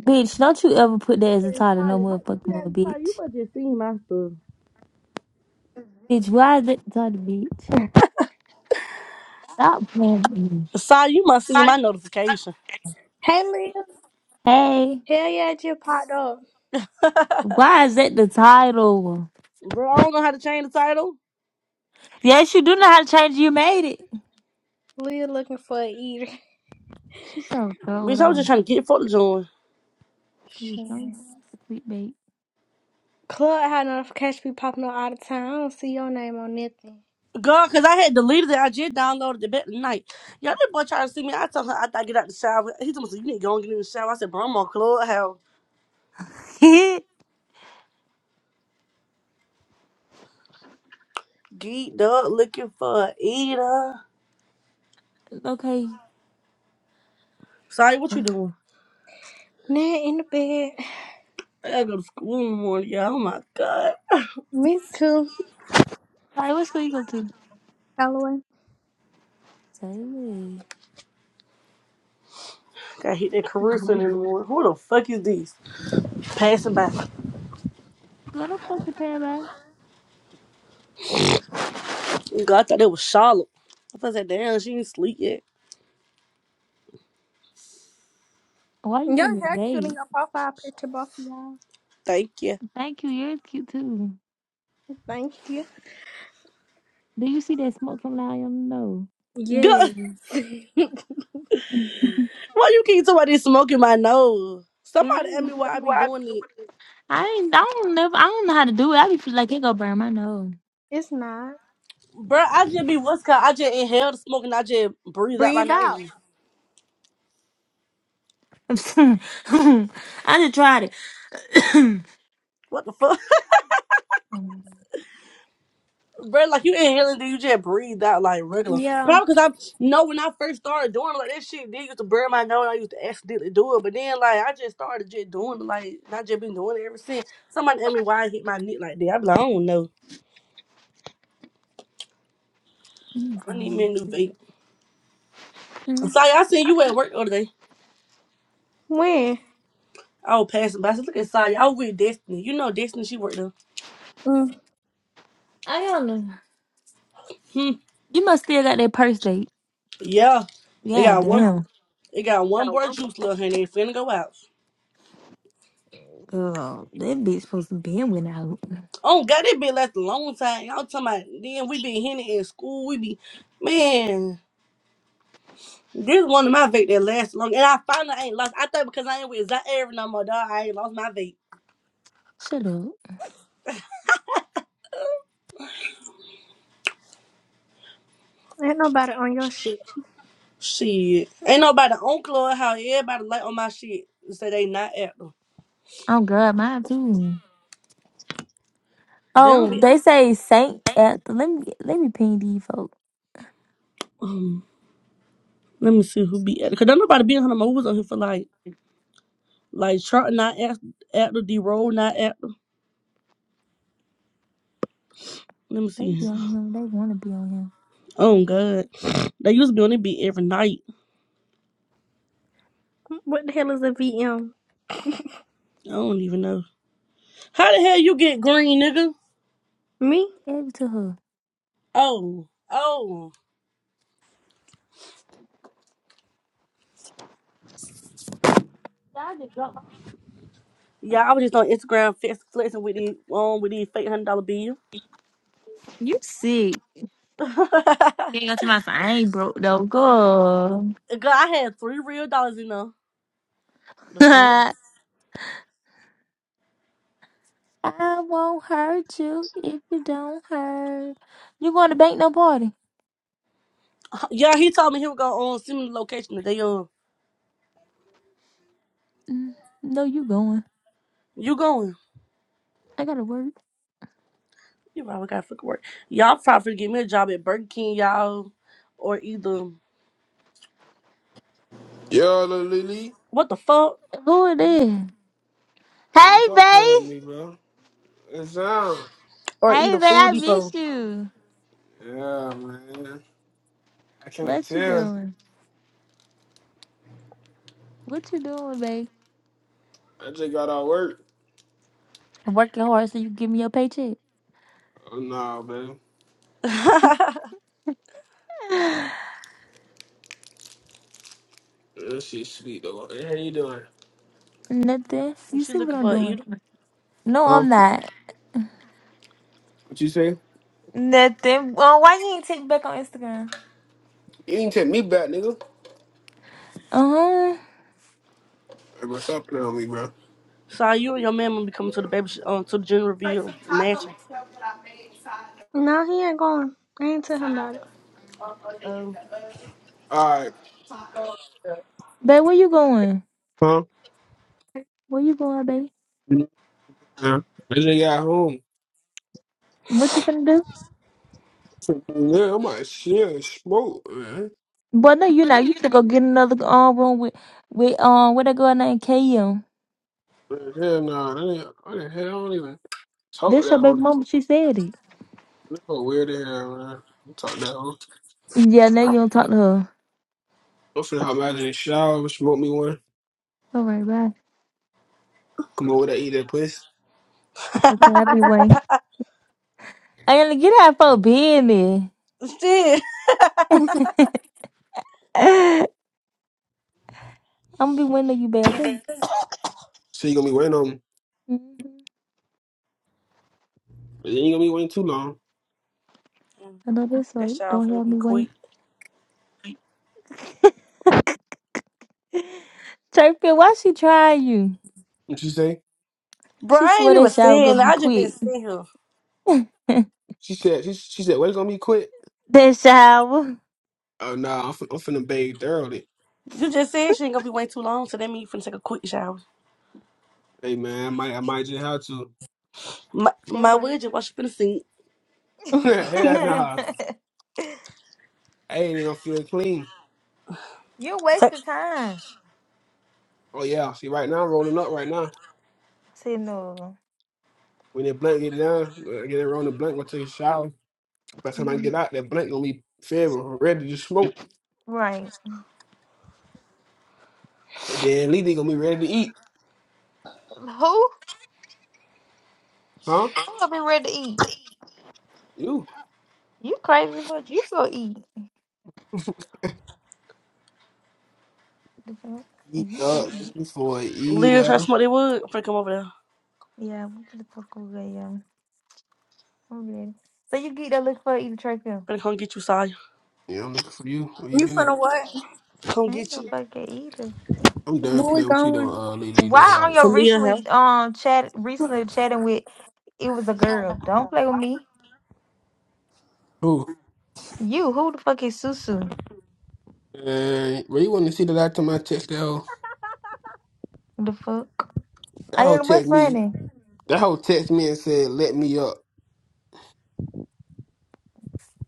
Bitch, don't you ever put that as a title, no Tanya, how- motherfucking see more, you bitch. must just see my stuff. Bitch, why is that the title, bitch? Stop playing with me. Sorry, you must see my notification. Hey Leah, Hey, hell yeah, I just popped up. why is that the title? Bro, I don't know how to change the title. Yes, you do know how to change. it. You made it. Leah looking for a eater. She's so cold Bitch, I was just on. trying to get for the join. Please Shit. don't be Club had notifications be popping up all the time. I don't see your name on nothing. God, cause I had deleted it. I just downloaded it back tonight. Y'all that boy tried to see me. I told her I thought I get out the shower. He told me, "So you need to go and get in the shower. I said, bro, I'm on clubhouse. clickbait. Geeked up, looking for a eater. okay. Sorry, what you Sorry, doing? Nah, in the bed. I gotta go to school in the morning, y'all. Oh my god. Me too. what school you go to? Holloway. Taylor. Gotta hit that Carissa in the morning. Who the fuck is this? Passing by. Go to fucking Paramount. God, I thought it was Charlotte. I thought that damn, she ain't sleep yet. Why you in Your the hair cute in vape? your profile picture, both of y'all. Thank you. Thank you. You're cute too. Thank you. Do you see that smoke coming out of your nose? Yes. God, why you keep somebody smoking my nose? Somebody ask me why I be doing it. I ain't, I don't never, I don't know how to do it. I be feel like it go burn my nose. it's not. Bruh, I just be what's called, I just inhale the smoke and I just breathe out my Breathe out. nose. I just tried it. What the fuck? Oh, Bruh, like you inhaling, then you just breathe out like regular? Yeah. Probably because I know when I first started doing it, like that shit did used to burn my nose. I used to accidentally do it, but then like I just started just doing it, like and I just been doing it ever since. Somebody asked me why I hit my neck like that. I be like, I don't know. You I go. need me a new vape. Mm, Sorry, I seen you at work the other day. When? I was passing by. I said, look at Saya. I was with Destiny. You know Destiny, she worked there. Mm, I don't know. Hmm. You must still got that purse date. Yeah. It Yeah, got one damn. it got one more juice left and they finna go out. Girl, that bitch supposed to be in went out. Oh god, it been last a long time. Y'all talking about then we been hitting in school. We be man. This one of my vape that lasts long. And I finally ain't lost. I thought because I ain't with Zaire no more, dog, I ain't lost my vape. Shut up. ain't nobody on your shit. Shit. Ain't nobody on club how everybody like on my shit. and Say they not at them. Oh girl, mine too. They don't Oh, they be. say Saint at let me let me ping these folks. Let me see who be at Cause don't nobody be in her no more. Who was on here for like like Charlotte not act- actor, D roll not actor. Let me They be see. on him. They wanna be on him. Oh god. They used to be on it be every night. What the hell is a VM? I don't even know. How the hell you get green, nigga? Me? Gave it to her. Oh. Oh. Yeah, I was just on Instagram flex- flexing with the um with the fake hundred dollar bill. You sick. You ain't got to my phone. I ain't broke though. Go. Girl, I had three real dollars in there. The fuck? I won't hurt you if you don't hurt. You going to bank no party? Yeah, he told me he was gonna um, send me the location today. Um, Mm, No, you going. you going? I gotta work. You probably got fucking work. Y'all probably give me a job at Burger King, y'all, or either Yo, Lil Lily. what the fuck, Who it is? Hey, Hey, what's up playing with babe. me, bro? It's on. or Hey, either babe. I Food miss Depot. you. Yeah, man. I can't What you tell. doing? What you doing, babe? I just got out of work. I'm working hard so you give me your paycheck. Oh, nah, man. That shit sweet, though. Hey, how you doing? Nothing. You she see what looking I'm for an doing? eater. No, Huh? I'm not. What you say? Nothing. Well, why you ain't take me back on Instagram? You ain't take me back, nigga. Uh huh. Hey, bro, stop playing with me, bro. So you and your man will be coming to the baby, sh- uh, to the gender reveal mansion. No, he ain't going. I ain't tell him about Um, All right. Babe, where you going? Huh? Where you going, babe? Yeah. I just got home. What you finna do? Yeah, I'm like, shit, and smoke, man. But no, you know, you finna go get another um room with with um what that girl named KM. Man, Hell nah, I didn't, I didn't, hell, I don't even talk to That's your that hoe. baby no mama. She said it. more. That hoe weird as hell, man. I don't Talk to that hoe. yeah, now you don't talk to her. I'm finna hop out in the shower, smoke me one, All right, bye. come over there, eat that pussy. Okay, I'll be waiting. I gotta get out for business. shit. I'm gonna be waiting on you back, okay? it. So you gonna be waiting on me. Mm-hmm. But you ain't gonna be waiting too long. I know that's right. That y'all Don't finna have be me waiting. quick. Turpin, why she trying you? What you say? Bro, She I ain't swear that even shower gonna saying. that. be I just been quick. sitting here. She said, she, she said, what's gonna be quick? that shower. Oh, nah, I'm, fin- I'm finna bathe thoroughly. You just said she ain't gonna be waiting too long, so that means you finna take a quick shower. Hey, man, I might, I might just have to. My That my right. word, just watch you finna sing. Hell nah. I ain't even gonna feel clean. You're wasting time Oh, yeah. See, right now, I'm rolling up right now. Say no. When that blunt get down, when I get it around the blunt, gonna take a shower. By the time I hmm get out, that blunt gonna be fed, ready to smoke. Right. And then Lee gonna be ready to eat. Who? Huh? Oh, I've been ready to eat. You. You crazy, but you go eat. The fuck? Eat And you go up, eat. looking for it. Eat Liz, up. her smell they wood. I'm finna come over there. Yeah, we could talk over yeah. I'm ready. So you get that look for eating Trayvon. Finna come get you, Saya. Yeah, I'm looking for you. Where you You been at? finna what? Come I ain't get no you. fucking eater. I'm done Where we playing with you though, going? uh, Lily though. Why on Like, your Talia House. recently um chat recently chatting with it was a girl. Don't play with me. who? You who the fuck is Susu? Uh, well, you want to see the last time I text that hoe? The fuck? That I hoe ain't what text me. funny. That hoe text me and said, "Let me up."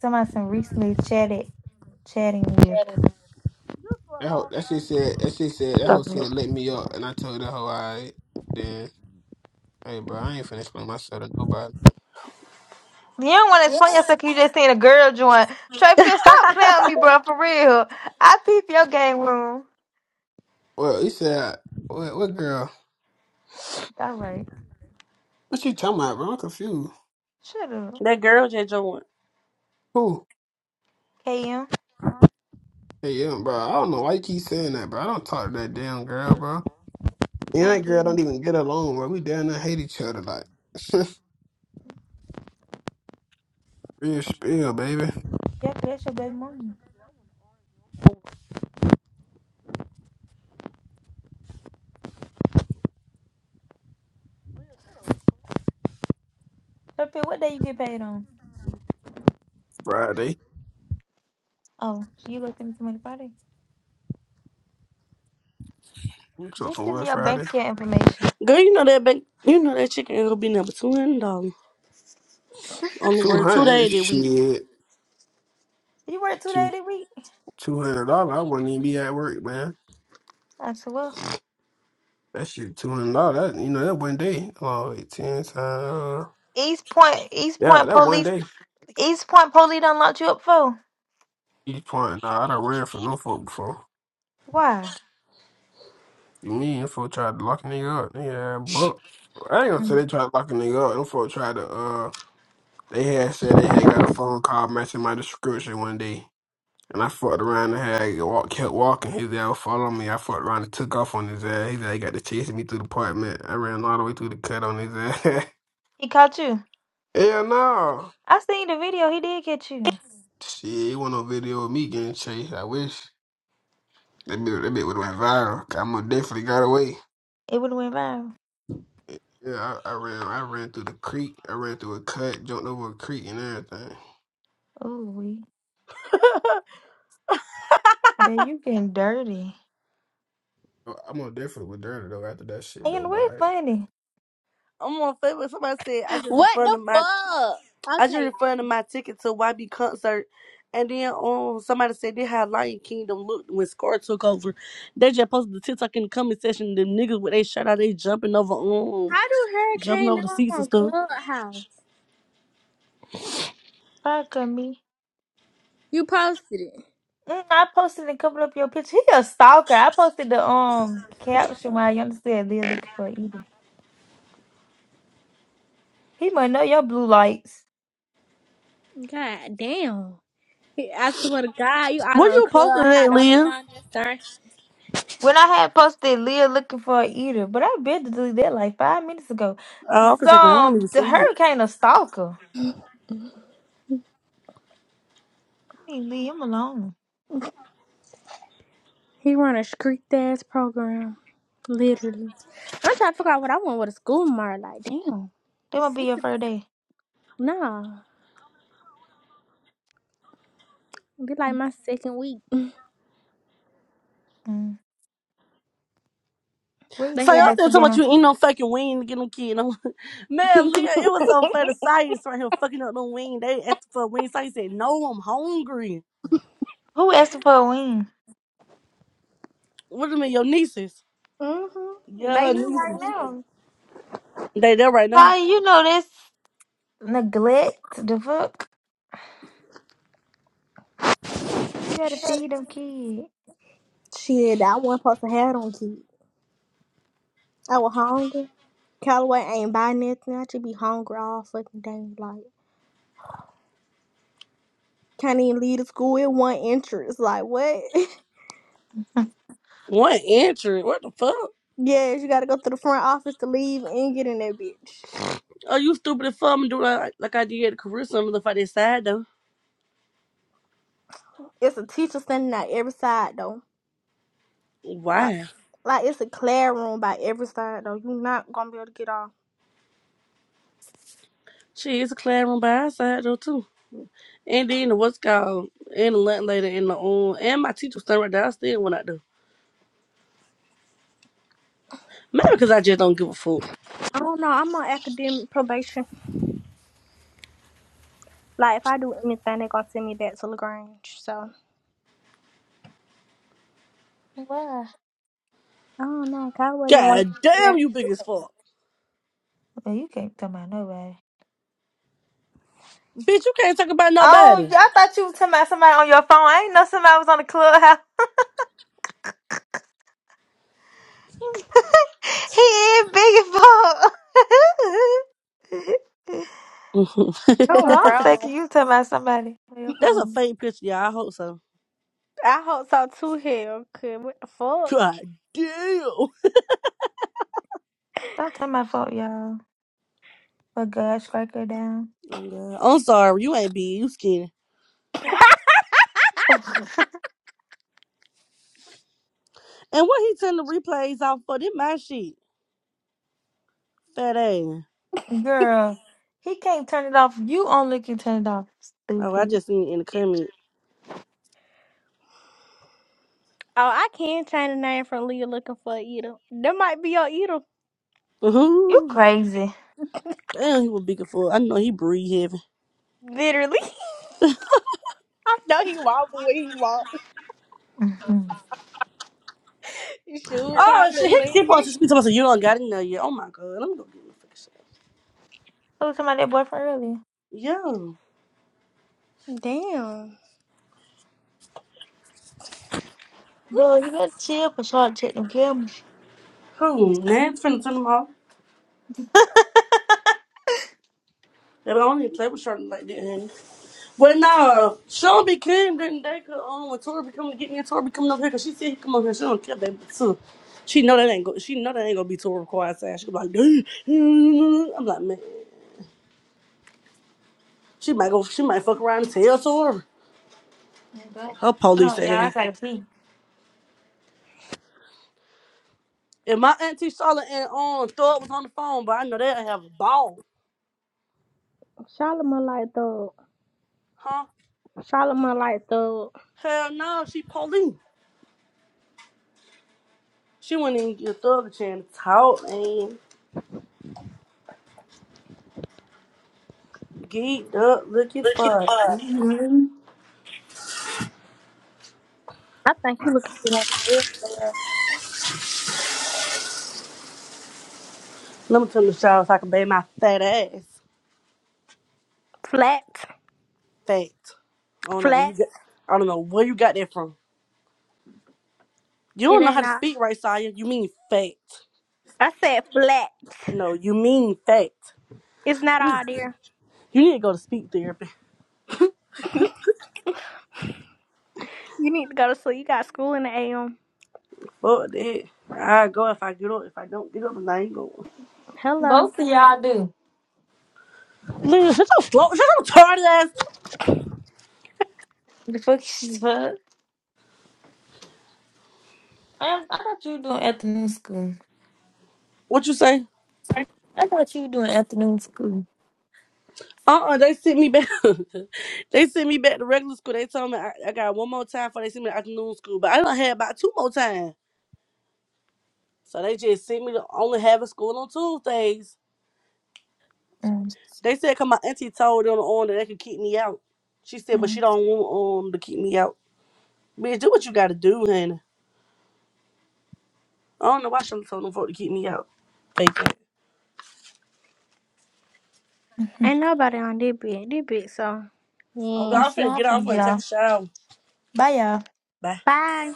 Somebody some recently chatted chatting with. That hoe, that shit said. That shit said. That hoe said, "Let me up," and I told that hoe, "I then, hey, bro, I ain't finna explain myself to nobody." You don't want to explain yourself 'cause you just seen a girl join. Trey Phil, stop playing with me, bro, for real. I peep your game room. Well, he said, "What? What girl? All right. What you talking about, bro? I'm confused." Shut up. That girl just joined. Who? KM, Hey, yeah, bro. I don't know why you keep saying that, bro. I don't talk to that damn girl, bro. Me and I that get girl don't it. even get along, bro. We down there hate each other like real spill, baby. Yeah, 'cause that's your baby mama. Trey Phil, what day you get paid on? Friday. Oh, you gonna send me some money Friday? You Just talking send me about your bank Friday? account information. Girl, you know that back, you know that chicken it'll be number two hundred dollars on the Two word two hundred days that we. shit. You work two days Two a week? two hundred dollars. I wouldn't even be at work, man. I said, well. That shit two hundred dollars. That you know, that one day. Oh, wait, ten times uh, East Point, East Yeah, Point that one police, day. East Point police done locked you up for? Each point. Nah, I done ran for no folk before. Why? You mean them folk tried to lock a nigga up. Yeah, but I ain't gonna say Mm. they tried to lock a nigga up. Them folk tried to uh they had said they had got a phone call matching my description one day. And I fucked around and had walk, kept walking. His ass was following me. I fucked around and took off on his ass. His ass got to chasing me through the apartment. I ran all the way through the cut on his ass. He caught you. Hell no. I seen the video. He did catch you. Shit, it wasn't no video of me getting chased. I wish. That bit, that bit would have went viral. 'Cause I most definitely got away. It would have went viral. Yeah, I, I ran I ran through the creek. I ran through a cut, jumped over a creek and everything. Ooh, But you getting dirty. I- I'm most definitely was dirty though after that shit though, And but we're I, funny. I'm on Facebook. Somebody said I just What the refunded my fuck? I just Okay, refunded my ticket to YB concert, and then um somebody said they had Lion Kingdom looked when Scar took over. They just posted the TikTok in the comment section. Them niggas with they shirt out, they jumping over um how do jumping Hurricane know over the seats I'm and on stuff. Clubhouse? Fuck on me. You posted it. Mm, I posted and covered up your picture. He a stalker. I posted the um caption while you understand Leah looking for an eater. He might know your blue lights. God damn. He- I swear to God, you out What on you posted Clubhouse. today, Don't be Leah? on this thing. When I had posted Leah looking for an eater, but I been to delete that like five minutes ago. Oh, for a So second, I don't even um, the see it. hurricane a stalker. You need to leave him alone. He run a street ass program. Literally. I'm trying to figure out what I want with a school tomorrow. Like, damn. That might be your first day. No. It'd be like my second week. Mm-mm. What he They So said y'all had. about still you talking being about a you eating no fucking wing to get them kid. No. Man, Leah, it hmm was so funny. Science right here fucking up them wing. They asked for a wing. Science said, no, I'm hungry. who asked for a win? What do you mean, your nieces? Yeah, They her here right nieces. now. They there right now. Sorry, you know this neglect. The fuck. You gotta feed them kids. Shit, I wasn't supposed to have them kids. I was hungry. Callaway ain't buy nothing. I should be hungry all fucking day. Like, can't even leave the school with one entrance. Like, what? One entry. What the fuck? yes, you gotta go to the front office to leave and get in that bitch. Are you stupid as fuck? I'm doing like, like I did at the career summer. Look like that side though. It's a teacher standing at every side though. Like, Why? like it's a classroom by every side though. You're not gonna be able to get off. She is a classroom by our side though too. And then the what's called and the lunch later and the um and my teacher was standing right there. I still went out there. Maybe because I just don't give a fuck. I don't know. I'm on academic probation. Like, if I do anything, they're gonna send me back to Lagrange. So Why? I don't know. Callaway didn't God want to. damn, Yeah. you big as fuck. Well, you can't tell about nobody. Bitch, you can't talk about Oh, nobody. y- I thought you was talking about somebody on your phone. I ain't know somebody was on the clubhouse. He is big as fuck. Girl, Oh, I'm thinking bro. you talking about somebody on your That's a phone. faint picture, y'all. I hope so. I hope so too. Hell, cause what God damn. Oh, Stop talking about fuck y'all. But God, strike her down. God. I'm sorry. You ain't big. You skinny. the fuck? And what he turn the replays off for? This my shit. Fat ass. Girl, he can't turn it off. You only can turn it off. Oh, I Stupid. just seen it in the comment. Oh, I can change the name from Leah looking for Edom. That might be your Edom. You hmm crazy. Damn, he was big as fuck. I know he breathe heavy. Literally. I know he walk the way he walk. Mhm. His shoe Oh, probably shit. He keep on leaning. just be talking about you don't got it now yet. Oh, my God. Let me go get my fucking shit. I was talking about that boyfriend earlier. Yo. Damn. Girl, you better chill for short check them cameras. Who? Nan's finna turn them off. They don't even play with short like that, honey. But nah, Shelby came then they could um when Tori be coming to get me and Tori be coming up here because she said he come up here, she don't care that too. She know that ain't go she know that ain't gonna be Tori quiet ass. She be like, "Dude, mm." I'm like, man, she might go she might fuck around and tell Tori. Her don't police ass. like me. And my auntie Charlotte and um Thor was on the phone, but I know they have a ball. Charlamagne like thug. Huh? Charlamagne like thug. Hell no, she police. She wouldn't even give Thug a chance to talk and geeked up looking for. Mhm. I think he looking for one for real, for real. Let me turn the shower so I can bathe my fat ass. Flat. Fact. I don't know where Flat. you got. I don't know where you got that from. You It don't know ain't how to not. speak right, Saya. You mean fact. I said flat. No, you mean fact. It's not You need, all there. you need to go to speech therapy. You need to go to sleep. You got school in the AM. What the heck? I go if I get up. If I don't get up, then I ain't going. Hello. Both of y'all do. Listen, shut your slow, shut your tardy ass. The fuck is fuck? I, I thought you were doing afternoon school. What you say? I thought you were doing afternoon school. Uh uh they sent me back. they sent me back to regular school. They told me I, I got one more time before they sent me to afternoon school, but I don't have about two more times. So they just sent me to only having school on Tuesdays. Mm, They said, "Cause my auntie told them on that they could keep me out." She said, "But she mm, don't want um to keep me out." Bitch, do what you gotta do, honey. I don't know why she told them folk to keep me out. Fake it. mhm. Ain't nobody on this bit. This bit, so. Oh Yeah. I God, I'm swear finna I'm get finna off get and take a off. shower. Bye y'all. Bye. Bye.